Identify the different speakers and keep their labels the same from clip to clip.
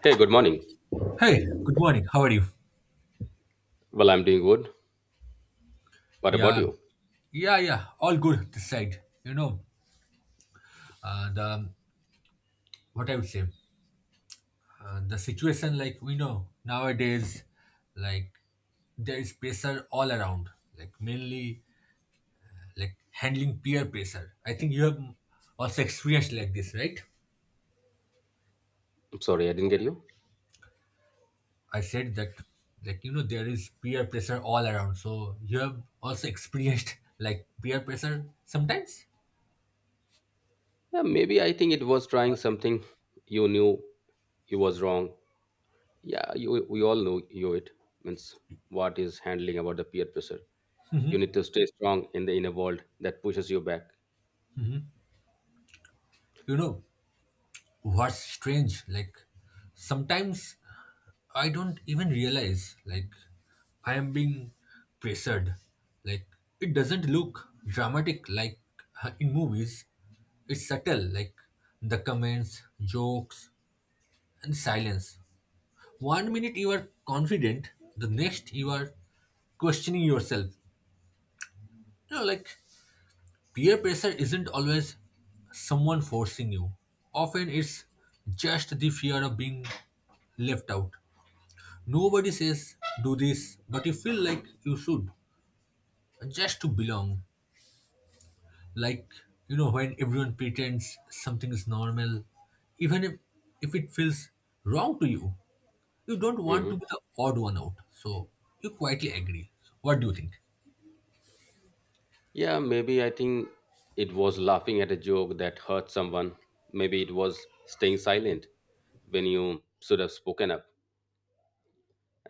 Speaker 1: Hey, good morning.
Speaker 2: Hey, good morning. How are you?
Speaker 1: Well, I'm doing good. What about
Speaker 2: Yeah,
Speaker 1: you?
Speaker 2: yeah, yeah. All good this side. You know, the what I would say, the situation like we know nowadays, like there is pressure all around. Like mainly like handling peer pressure. I think you have also experienced like this, right?
Speaker 1: I'm sorry, I didn't get you.
Speaker 2: I said that like you know there is peer pressure all around. So you have also experienced like peer pressure sometimes.
Speaker 1: Yeah, maybe I think it was trying something you knew you was wrong. Yeah, you, we all know you it means what is handling about the peer pressure. You need to stay strong in the inner world that pushes you back.
Speaker 2: You know what's strange like sometimes I don't even realize like I am being pressured. Like it doesn't look dramatic like in movies. It's subtle, like the comments, jokes, and silence. One minute you are confident, the next you are questioning yourself. You know, like peer pressure isn't always someone forcing you. Often it's just the fear of being left out. Nobody says do this, but you feel like you should just to belong. Like, you know, when everyone pretends something is normal, even if it feels wrong to you, you don't want to
Speaker 1: hmm
Speaker 2: be the odd one out. So you quietly agree. So, what do you think?
Speaker 1: Yeah, maybe I think it was laughing at a joke that hurt someone. Maybe it was staying silent when you should have spoken up.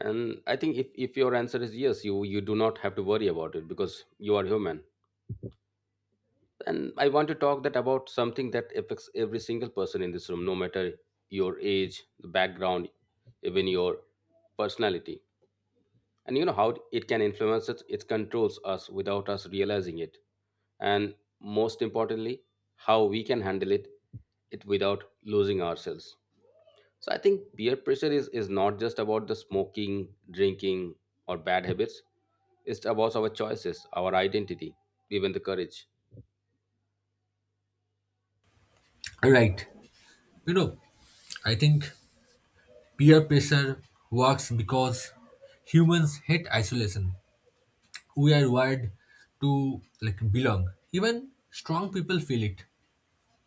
Speaker 1: And I think if your answer is yes, you do not have to worry about it because you are human. And I want to talk that about something that affects every single person in this room, no matter your age, the background, even your personality. And you know how it can influence us, it controls us without us realizing it. And most importantly, how we can handle it without losing ourselves. So I think peer pressure is not just about the smoking, drinking, or bad habits. It's about our choices, our identity, even the courage.
Speaker 2: Right. You know, I think peer pressure works because humans hate isolation. We are wired to like belong. Even strong people feel it.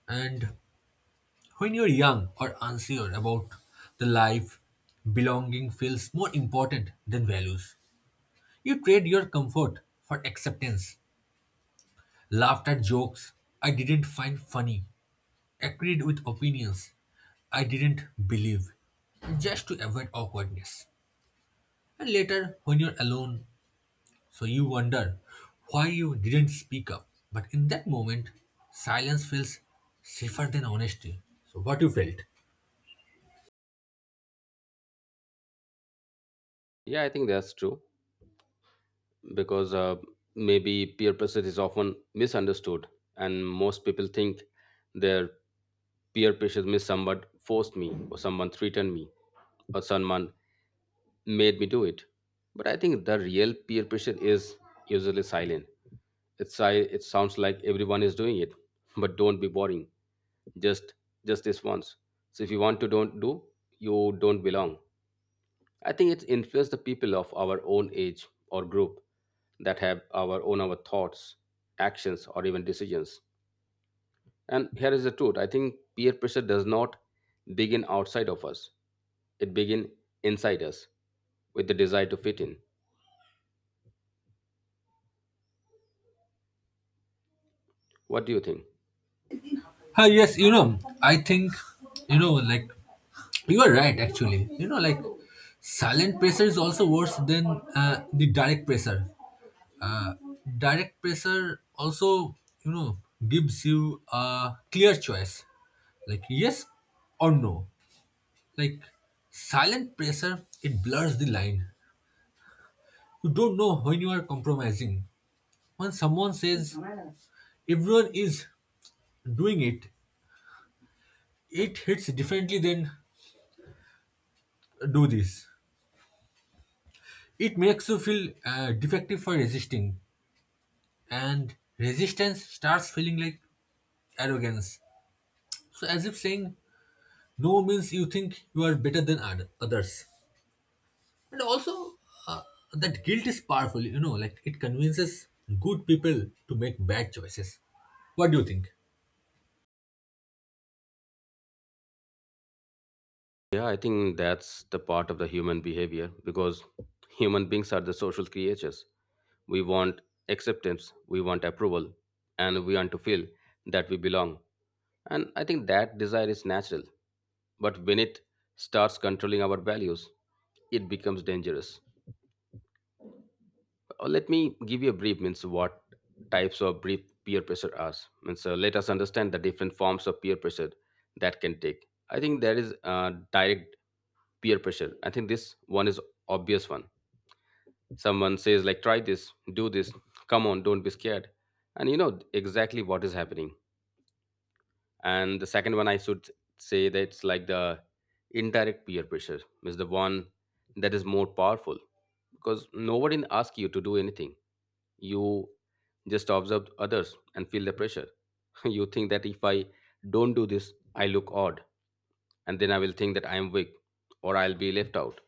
Speaker 2: And when you're young or unsure about the life, belonging feels more important than values. You trade your comfort for acceptance, laughed at jokes I didn't find funny, agreed with opinions I didn't believe, just to avoid awkwardness. And later, when you're alone, so you wonder why you didn't speak up. But in that moment, silence feels safer than honesty. So, what you felt?
Speaker 1: Yeah, I think that's true because maybe peer pressure is often misunderstood, and most people think their peer pressure means someone forced me, or someone threatened me, or someone made me do it. But I think the real peer pressure is usually silent. It sounds like everyone is doing it, but don't be boring. Just just this once. So if you want to don't do, you don't belong. I think it's influenced the people of our own age or group that have our thoughts, actions, or even decisions. And here is the truth. I think peer pressure does not begin outside of us. It begins inside us with the desire to fit in. What do you think?
Speaker 2: Ah, yes, you know, I think, you know, like, you are right, actually. You know, like, silent pressure is also worse than the direct pressure. Uh, Direct pressure also, you know, gives you a clear choice, like yes or no. Like, silent pressure, it blurs the line. You don't know when you are compromising. When someone says everyone is doing it, it hits differently than do this. It makes you feel defective for resisting, and resistance starts feeling like arrogance. So, as if saying no means you think you are better than others. And also, that guilt is powerful, you know, like it convinces good people to make bad choices. What do you think?
Speaker 1: Yeah, I think that's the part of the human behavior because human beings are the social creatures. We want acceptance, we want approval, and we want to feel that we belong. And I think that desire is natural. But when it starts controlling our values, it becomes dangerous. Let me give you a brief means what types of brief peer pressure are. Means let us understand the different forms of peer pressure that can take. I think there is direct peer pressure. I think this one is obvious one. Someone says like try this, do this, come on don't be scared, and you know exactly what is happening. And the second one I should say that it's like the indirect peer pressure is the one that is more powerful because nobody asks you to do anything. You just observe others and feel the pressure. You think that if I don't do this, I look odd, and then I will think that I am weak or I'll be left out.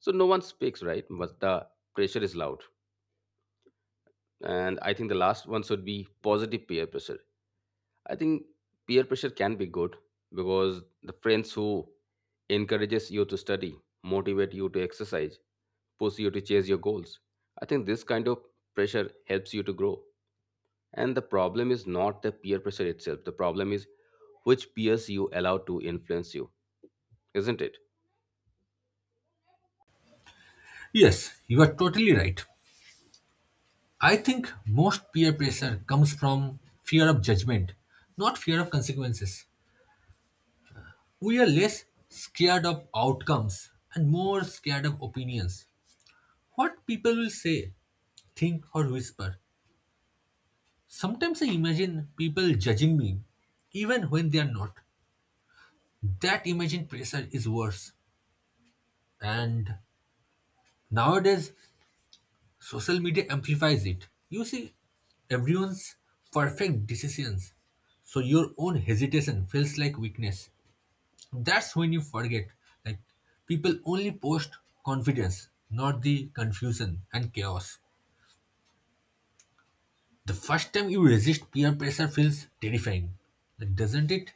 Speaker 1: So no one speaks, right? But the pressure is loud. And I think the last one should be positive peer pressure. I think peer pressure can be good because the friends who encourages you to study, motivate you to exercise, push you to chase your goals. I think this kind of pressure helps you to grow. And the problem is not the peer pressure itself. The problem is which peers you allow to influence you, isn't it?
Speaker 2: Yes, you are totally right. I think most peer pressure comes from fear of judgment, not fear of consequences. We are less scared of outcomes and more scared of opinions. What people will say, think, or whisper. Sometimes I imagine people judging me, even when they are not. That imagined pressure is worse. And nowadays, social media amplifies it. You see everyone's perfect decisions, so your own hesitation feels like weakness. That's when you forget. Like people only post confidence, not the confusion and chaos. The first time you resist peer pressure feels terrifying. Like, doesn't it?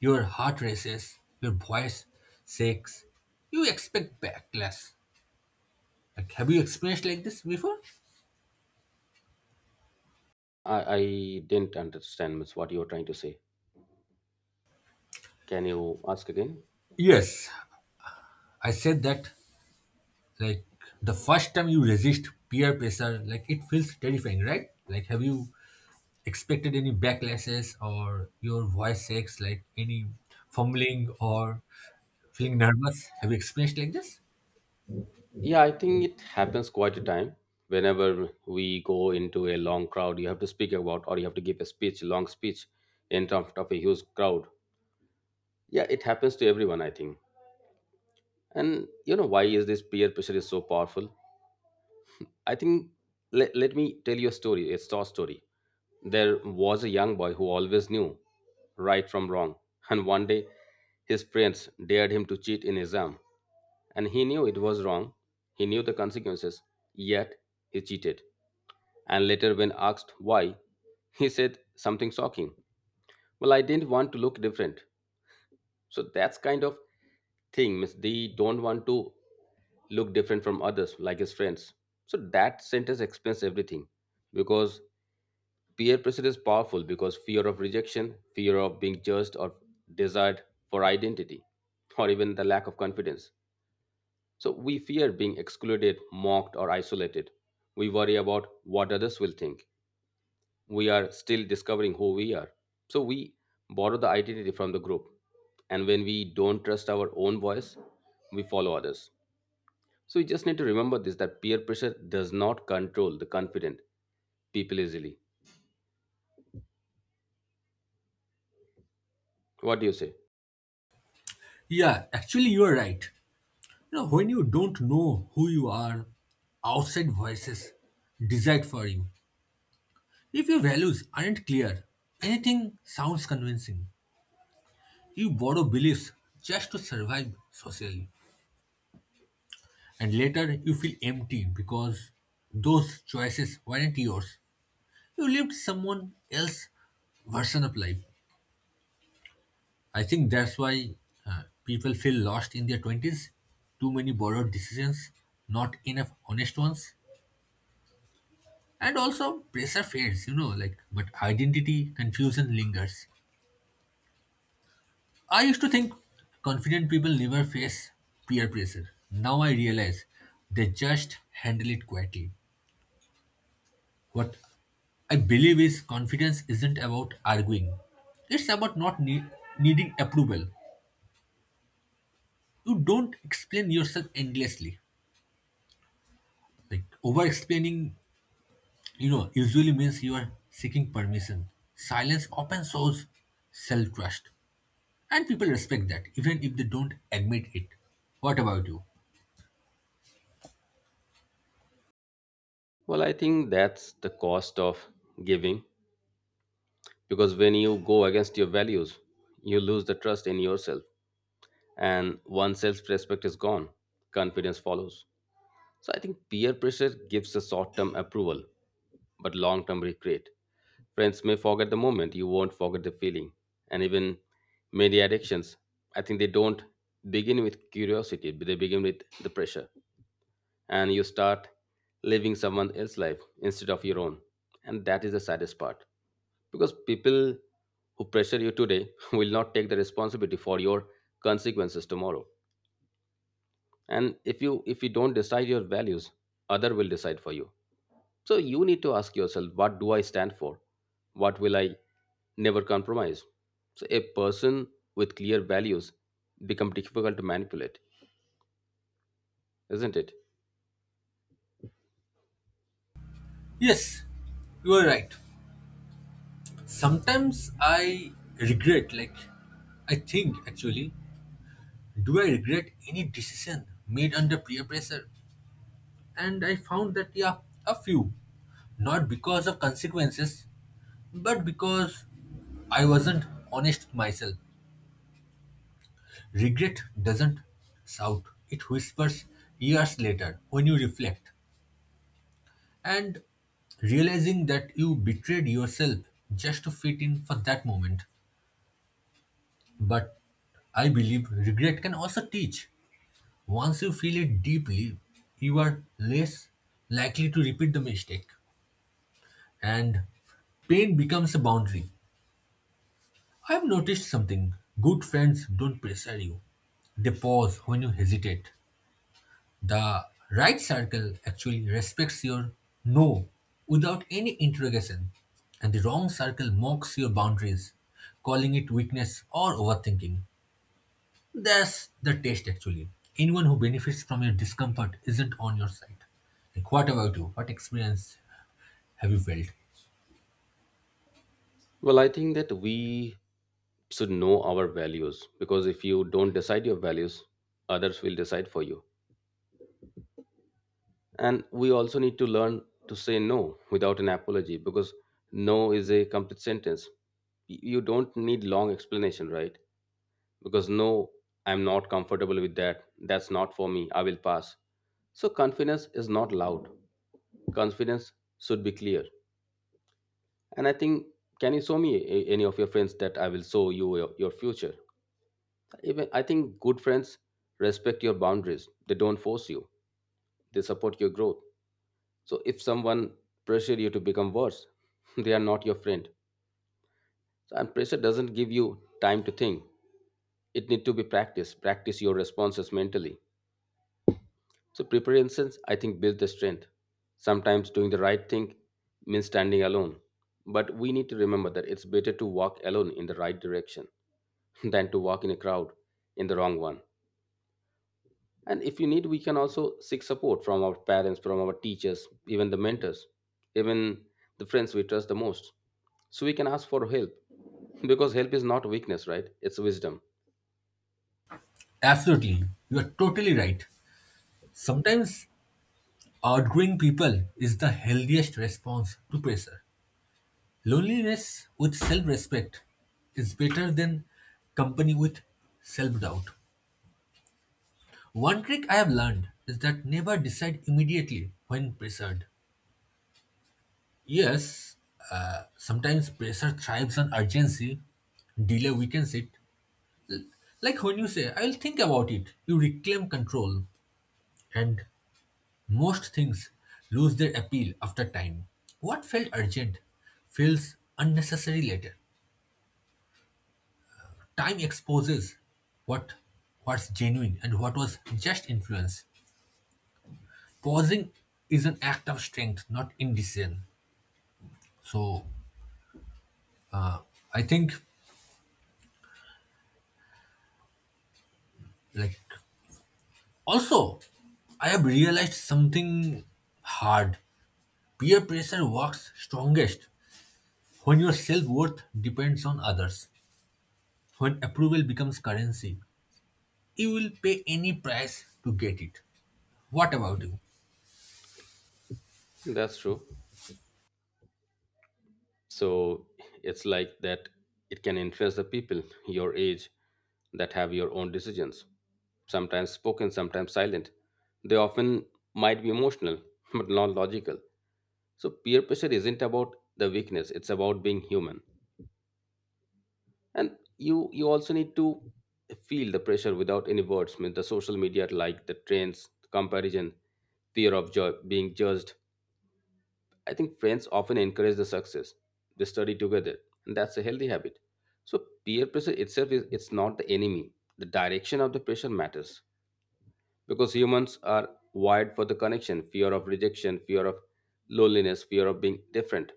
Speaker 2: Your heart races, your voice shakes. You expect backlash. Like have you experienced like this before?
Speaker 1: I didn't understand much what you were trying to say. Can you ask again?
Speaker 2: Yes, I said that like the first time you resist peer pressure, like it feels terrifying, right? Like have you expected any backlashes or your voice shakes, like any fumbling or feeling nervous? Have you experienced like this?
Speaker 1: Yeah, I think it happens quite a time. Whenever we go into a long crowd, you have to speak about or you have to give a speech, long speech in front of a huge crowd. Yeah, it happens to everyone, I think. And you know why is this peer pressure is so powerful? I think let me tell you a story, a short story. There was a young boy who always knew right from wrong, and one day his friends dared him to cheat in exam. And he knew it was wrong. He knew the consequences. Yet he cheated. And later, when asked why, he said something shocking. Well, I didn't want to look different. So that's kind of thing. Means they don't want to look different from others, like his friends. So that sentence explains everything. Because peer pressure is powerful because fear of rejection, fear of being judged, or desired for identity, or even the lack of confidence. So we fear being excluded, mocked, or isolated. We worry about what others will think. We are still discovering who we are. So we borrow the identity from the group. And when we don't trust our own voice, we follow others. So you just need to remember this that peer pressure does not control the confident people easily. What do you say?
Speaker 2: Yeah, actually, you are right. You know, when you don't know who you are, outside voices decide for you. If your values aren't clear, anything sounds convincing. You borrow beliefs just to survive socially. And later you feel empty because those choices weren't yours. You lived someone else's version of life. I think that's why people feel lost in their 20s. Too many borrowed decisions, not enough honest ones. And also, pressure fades, you know, like, but identity confusion lingers. I used to think confident people never face peer pressure. Now I realize they just handle it quietly. What I believe is confidence isn't about arguing, it's about not needing approval. You don't explain yourself endlessly. Like over explaining you know, usually means you are seeking permission. Silence often shows self trust, and people respect that, even if they don't admit it. What about you?
Speaker 1: Well, I think that's the cost of giving because when you go against your values, you lose the trust in yourself. And once self-respect is gone, confidence follows. So I think peer pressure gives a short-term approval but long-term regret. Friends may forget the moment, you won't forget the feeling. And even many addictions, I think they don't begin with curiosity, but they begin with the pressure. And you start living someone else's life instead of your own, and that is the saddest part because people who pressure you today will not take the responsibility for your consequences tomorrow. And if you don't decide your values, other will decide for you. So you need to ask yourself, what do I stand for? What will I never compromise? So a person with clear values become difficult to manipulate, isn't it?
Speaker 2: Yes, you are right. Sometimes I regret, like, I think actually, do I regret any decision made under peer pressure? And I found that, yeah, a few. Not because of consequences, but because I wasn't honest with myself. Regret doesn't shout, it whispers years later when you reflect. And realizing that you betrayed yourself just to fit in for that moment. But I believe regret can also teach. Once you feel it deeply, you are less likely to repeat the mistake. And pain becomes a boundary. I've noticed something good friends don't pressure you, they pause when you hesitate. The right circle actually respects your no without any interrogation, and the wrong circle mocks your boundaries, calling it weakness or overthinking. That's the test actually. Anyone who benefits from your discomfort isn't on your side. Like, what about you? What experience have you felt?
Speaker 1: Well, I think that we should know our values because if you don't decide your values, others will decide for you. And we also need to learn to say no without an apology, because no is a complete sentence. You don't need long explanation, right? Because no, I'm not comfortable with that. That's not for me. I will pass. So confidence is not loud. Confidence should be clear. And I think, can you show me any of your friends, that I will show you your future? Even I think good friends respect your boundaries. They don't force you. They support your growth. So if someone pressure you to become worse, they are not your friend. So, and pressure doesn't give you time to think. It need to be practiced. Practice your responses mentally. So preparations, I think, build the strength. Sometimes doing the right thing means standing alone. But we need to remember that it's better to walk alone in the right direction than to walk in a crowd in the wrong one. And if you need, we can also seek support from our parents, from our teachers, even the mentors, even the friends we trust the most. So we can ask for help because help is not weakness, right? It's wisdom.
Speaker 2: Absolutely, you are totally right. Sometimes outgrowing people is the healthiest response to pressure. Loneliness with self respect is better than company with self doubt. One trick I have learned is that never decide immediately when pressured. Yes, sometimes pressure thrives on urgency, delay weakens it. Like when you say, I'll think about it, you reclaim control, and most things lose their appeal after time. What felt urgent feels unnecessary later. Time exposes what what's genuine and what was just influence. Pausing is an act of strength, not indecision. So I think like also I have realized something hard. Peer pressure works strongest when your self-worth depends on others. When approval becomes currency, you will pay any price to get it. What about you?
Speaker 1: That's true. So it's like that it can influence the people your age that have your own decisions, sometimes spoken, sometimes silent. They often might be emotional but not logical. So peer pressure isn't about the weakness, it's about being human. And you also need to feel the pressure without any words. I mean, the social media, like the trends, comparison, fear of being judged. I think friends often encourage the success. They study together, and that's a healthy habit. So peer pressure itself is it's not the enemy. The direction of the pressure matters because humans are wired for the connection, fear of rejection, fear of loneliness, fear of being different.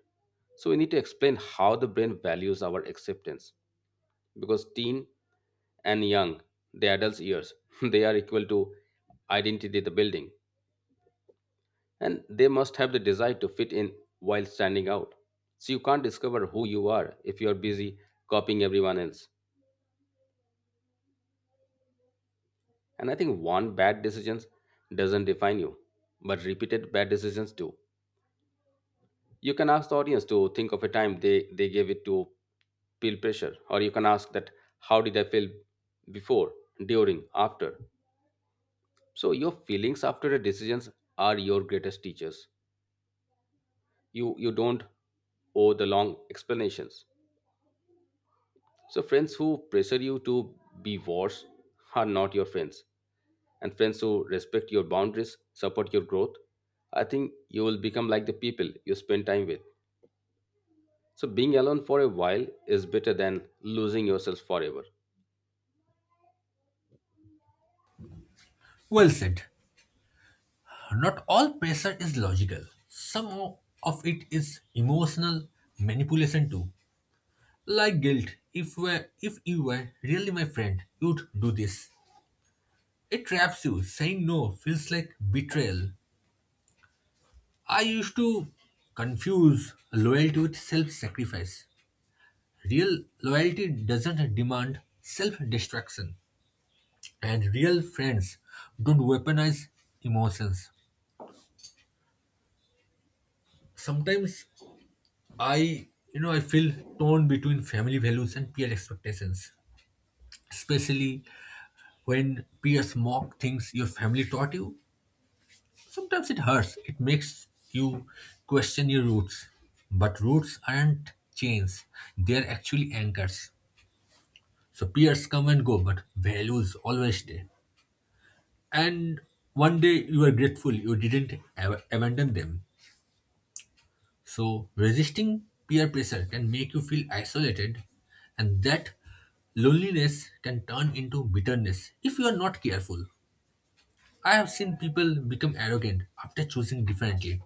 Speaker 1: So we need to explain how the brain values our acceptance because teen and young, the adults years, they are equal to identity the building. And they must have the desire to fit in while standing out. So you can't discover who you are if you are busy copying everyone else. And I think one bad decision doesn't define you, but repeated bad decisions do. You can ask the audience to think of a time they gave it to feel pressure, or you can ask that how did I feel before, during, after. So your feelings after the decisions are your greatest teachers. You don't owe the long explanations. So, friends who pressure you to be worse are not your friends. And friends who respect your boundaries, support your growth, I think you will become like the people you spend time with. So, being alone for a while is better than losing yourself forever.
Speaker 2: Well said. Not all pressure is logical. Some of it is emotional manipulation too. Like guilt. If you were really my friend, you'd do this. It traps you. Saying no feels like betrayal. I used to confuse loyalty with self-sacrifice. Real loyalty doesn't demand self-destruction, and real friends don't weaponize emotions. Sometimes I, you know, I feel torn between family values and peer expectations, especially when peers mock things your family taught you. Sometimes it hurts. It makes you question your roots. But roots aren't chains, they're actually anchors. So peers come and go, but values always stay. And one day you are grateful you didn't abandon them. So, resisting peer pressure can make you feel isolated, and that loneliness can turn into bitterness if you are not careful. I have seen people become arrogant after choosing differently.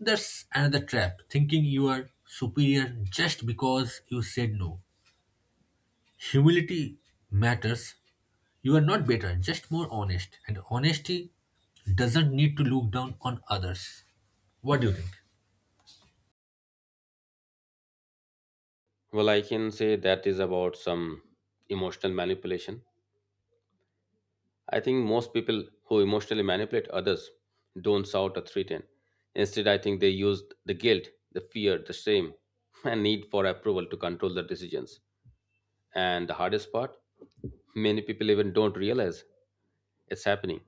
Speaker 2: That's another trap, thinking you are superior just because you said no. Humility matters. You are not better, just more honest, and honesty doesn't need to look down on others. What do you think?
Speaker 1: Well, I can say that is about some emotional manipulation. I think most people who emotionally manipulate others don't shout or threaten. Instead, I think they use the guilt, the fear, the shame, and need for approval to control their decisions. And the hardest part, many people even don't realize it's happening.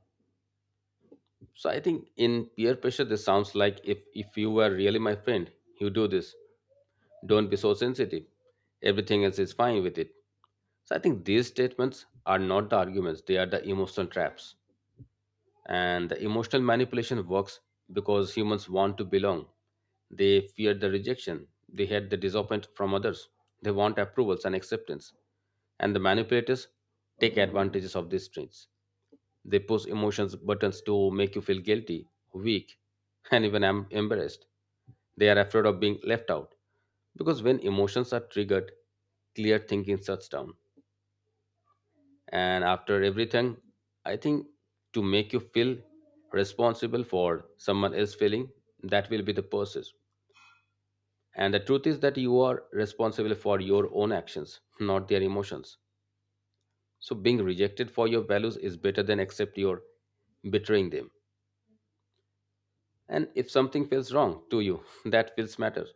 Speaker 1: So I think in peer pressure this sounds like, if you were really my friend, you do this. Don't be so sensitive. Everything else is fine with it. So I think these statements are not the arguments, they are the emotional traps. And the emotional manipulation works because humans want to belong. They fear the rejection, they hate the disappointment from others, they want approvals and acceptance. And the manipulators take advantages of these traits. They push emotions buttons to make you feel guilty, weak, and even embarrassed. They are afraid of being left out because when emotions are triggered, clear thinking shuts down. And after everything, I think, to make you feel responsible for someone else feeling, that will be the process. And the truth is that you are responsible for your own actions, not their emotions. So being rejected for your values is better than accept your betraying them. And if something feels wrong to you, that feels matter.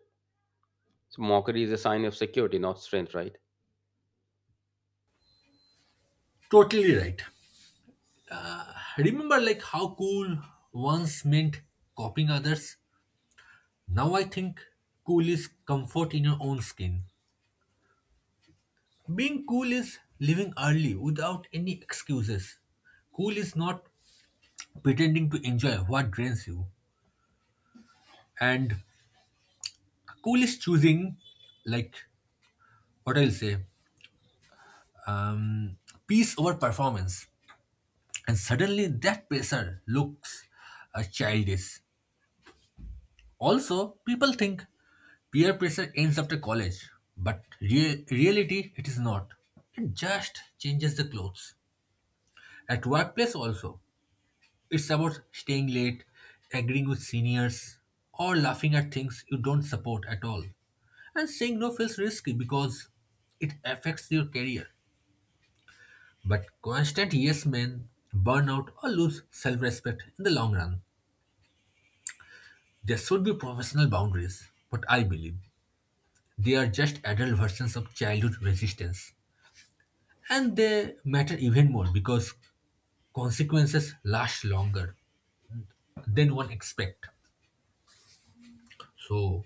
Speaker 1: So mockery is a sign of security, not strength, right?
Speaker 2: Totally right. Remember like how cool once meant copying others? Now I think cool is comfort in your own skin. Being cool is living early without any excuses. Cool is not pretending to enjoy what drains you. And cool is choosing like what I'll say, um, peace over performance. And suddenly that pressure looks childish. Also, people think peer pressure ends after college, but reality it is not. It just changes the clothes. At workplace also, it's about staying late, agreeing with seniors, or laughing at things you don't support at all. And saying no feels risky because it affects your career. But constant yes men burn out or lose self respect in the long run. There should be professional boundaries, what I believe. They are just adult versions of childhood resistance. And they matter even more because consequences last longer than one expect. So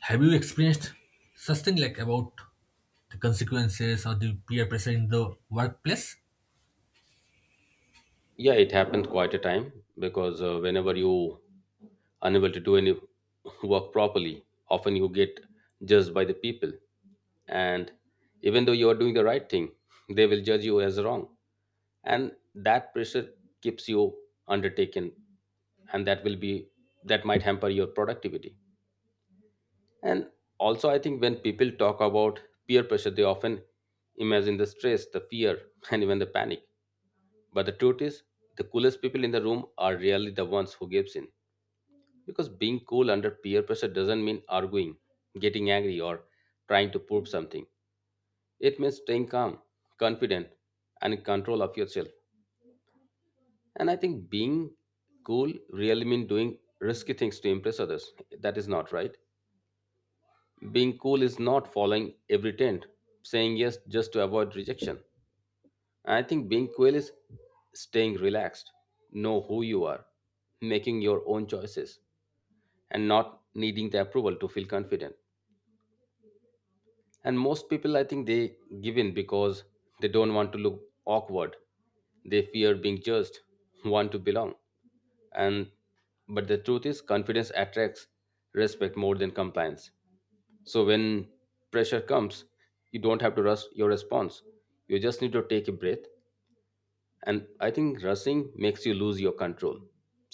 Speaker 2: have you experienced such thing like about the consequences or the peer pressure in the workplace?
Speaker 1: Yeah, it happened quite a time. Because whenever you unable to do any work properly, often you get judged by the people. And even though you are doing the right thing, they will judge you as wrong. And that pressure keeps you undertaken, and that will be, that might hamper your productivity. And also I think when people talk about peer pressure, they often imagine the stress, the fear, and even the panic. But the truth is the coolest people in the room are really the ones who gives in. Because being cool under peer pressure doesn't mean arguing, getting angry, or trying to prove something. It means staying calm, confident, and in control of yourself. And I think being cool really means doing risky things to impress others. That is not right. Being cool is not following every trend, saying yes just to avoid rejection. I think being cool is staying relaxed, know who you are, making your own choices, and not needing the approval to feel confident. And most people, I think, they give in because they don't want to look awkward, they fear being judged, want to belong. And but the truth is confidence attracts respect more than compliance. So when pressure comes, you don't have to rush your response. You just need to take a breath. And I think rushing makes you lose your control.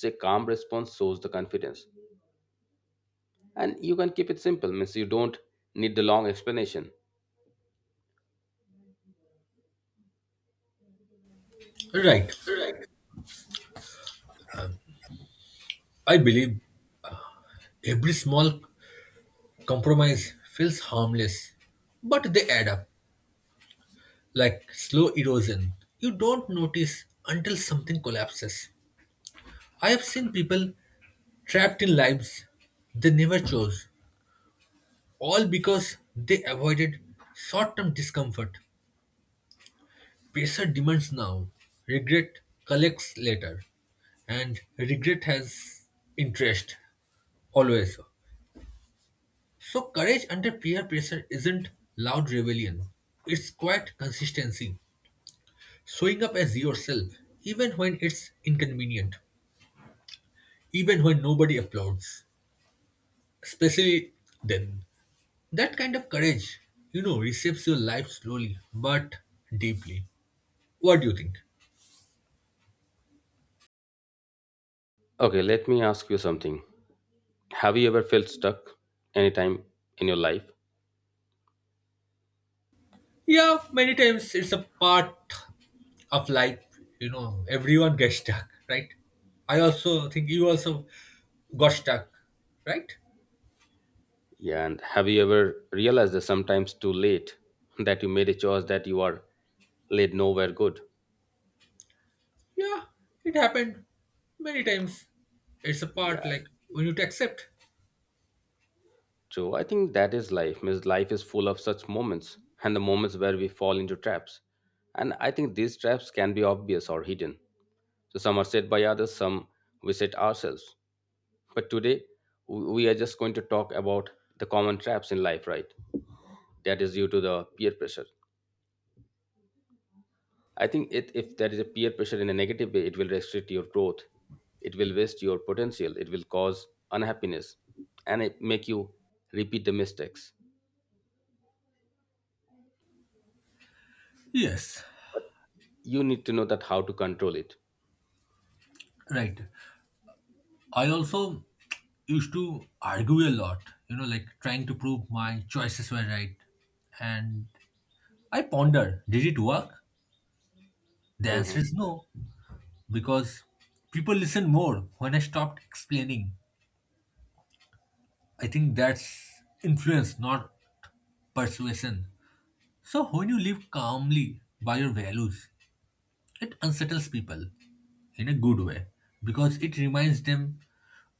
Speaker 1: Say calm response shows the confidence. And you can keep it simple means you don't need the long explanation.
Speaker 2: Right. I believe every small compromise feels harmless, but they add up like slow erosion. You don't notice until something collapses. I have seen people trapped in lives they never chose, all because they avoided short term discomfort. Pressure demands now, regret collects later, and regret has interest always. So, courage under peer pressure isn't loud rebellion, it's quiet consistency, showing up as yourself even when it's inconvenient, even when nobody applauds, especially then. That kind of courage, you know, reshapes your life slowly but deeply. What do you think?
Speaker 1: Okay, let me ask you something. Have you ever felt stuck anytime in your life?
Speaker 2: Yeah, many times it's a part of life, you know, everyone gets stuck, right? I also think you also got stuck, right?
Speaker 1: Yeah, and have you ever realized that sometimes too late that you made a choice that you are led nowhere good?
Speaker 2: Yeah, it happened many times. It's a
Speaker 1: Yeah,
Speaker 2: part like we need to accept.
Speaker 1: true. I think that is life. Means life is full of such moments and the moments where we fall into traps. And I think these traps can be obvious or hidden. So some are set by others, some we set ourselves. But today we are just going to talk about the common traps in life, right? That is due to the peer pressure. I think it, if there is a peer pressure in a negative way, it will restrict your growth. It will waste your potential. It will cause unhappiness and it make you repeat the mistakes.
Speaker 2: Yes,
Speaker 1: But you need to know that how to control it.
Speaker 2: right. I also used to argue a lot, you know, like trying to prove my choices were right. And I ponder, did it work? The answer
Speaker 1: Hmm.
Speaker 2: is no, because people listen more when I stopped explaining. I think that's influence, not persuasion. So when you live calmly by your values, it unsettles people in a good way because it reminds them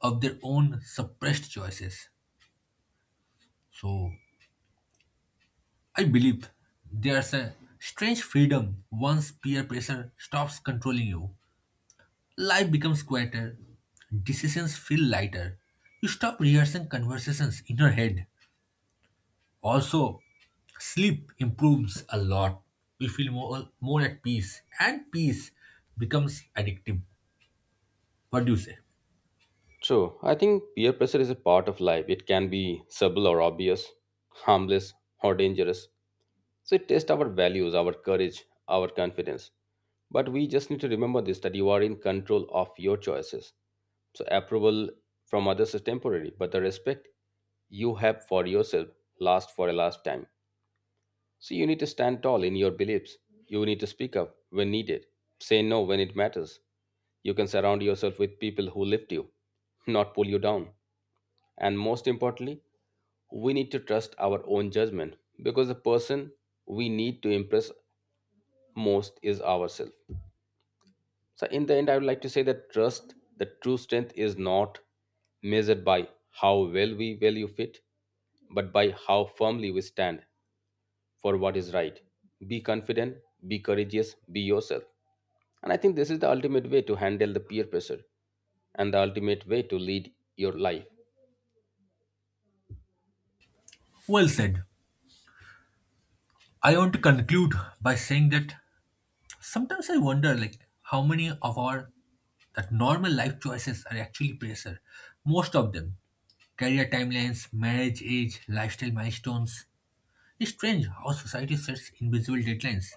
Speaker 2: of their own suppressed choices. So I believe there's a strange freedom once peer pressure stops controlling you. Life becomes quieter, decisions feel lighter. You stop rehearsing conversations in your head. Also, sleep improves a lot. We feel more at peace, and peace becomes addictive. What do you say?
Speaker 1: So I think peer pressure is a part of life. It can be subtle or obvious, harmless or dangerous. So it tests our values, our courage, our confidence. But we just need to remember this that you are in control of your choices. So approval from others is temporary, but the respect you have for yourself lasts for a lifetime. So you need to stand tall in your beliefs. You need to speak up when needed. Say no when it matters. You can surround yourself with people who lift you, not pull you down. And most importantly, we need to trust our own judgment because the person we need to impress most is ourselves. So, in the end, I would like to say that trust, the true strength is not measured by how well we value fit, but by how firmly we stand for what is right. Be confident, be courageous, be yourself. And I think this is the ultimate way to handle the peer pressure and the ultimate way to lead your life.
Speaker 2: Well said. I want to conclude by saying that sometimes I wonder like how many of our that normal life choices are actually pressure. Most of them career timelines, marriage age, lifestyle milestones, it's strange how society sets invisible deadlines.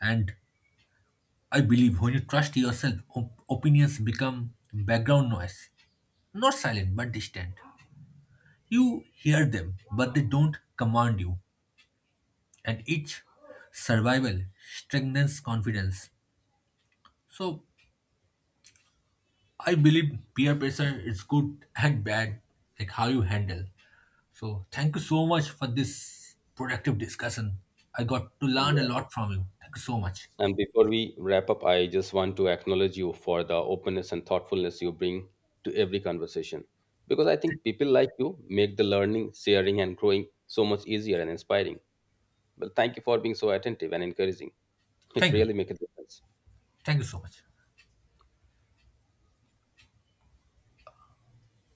Speaker 2: And I believe when you trust yourself, opinions become background noise. Not silent, but distant. You hear them, but they don't command you. And each survival strengthens confidence. So I believe peer pressure is good and bad, like how you handle. So thank you so much for this productive discussion. I got to learn a
Speaker 1: Yes.
Speaker 2: lot from you. Thank you so much.
Speaker 1: And before we wrap up, I just want to acknowledge you for the openness and thoughtfulness you bring to every conversation. Because I think people like you make the learning, sharing, and growing so much easier and inspiring. Well, thank you for being so attentive and encouraging. It
Speaker 2: Thank you.
Speaker 1: really makes a difference.
Speaker 2: Thank you so much.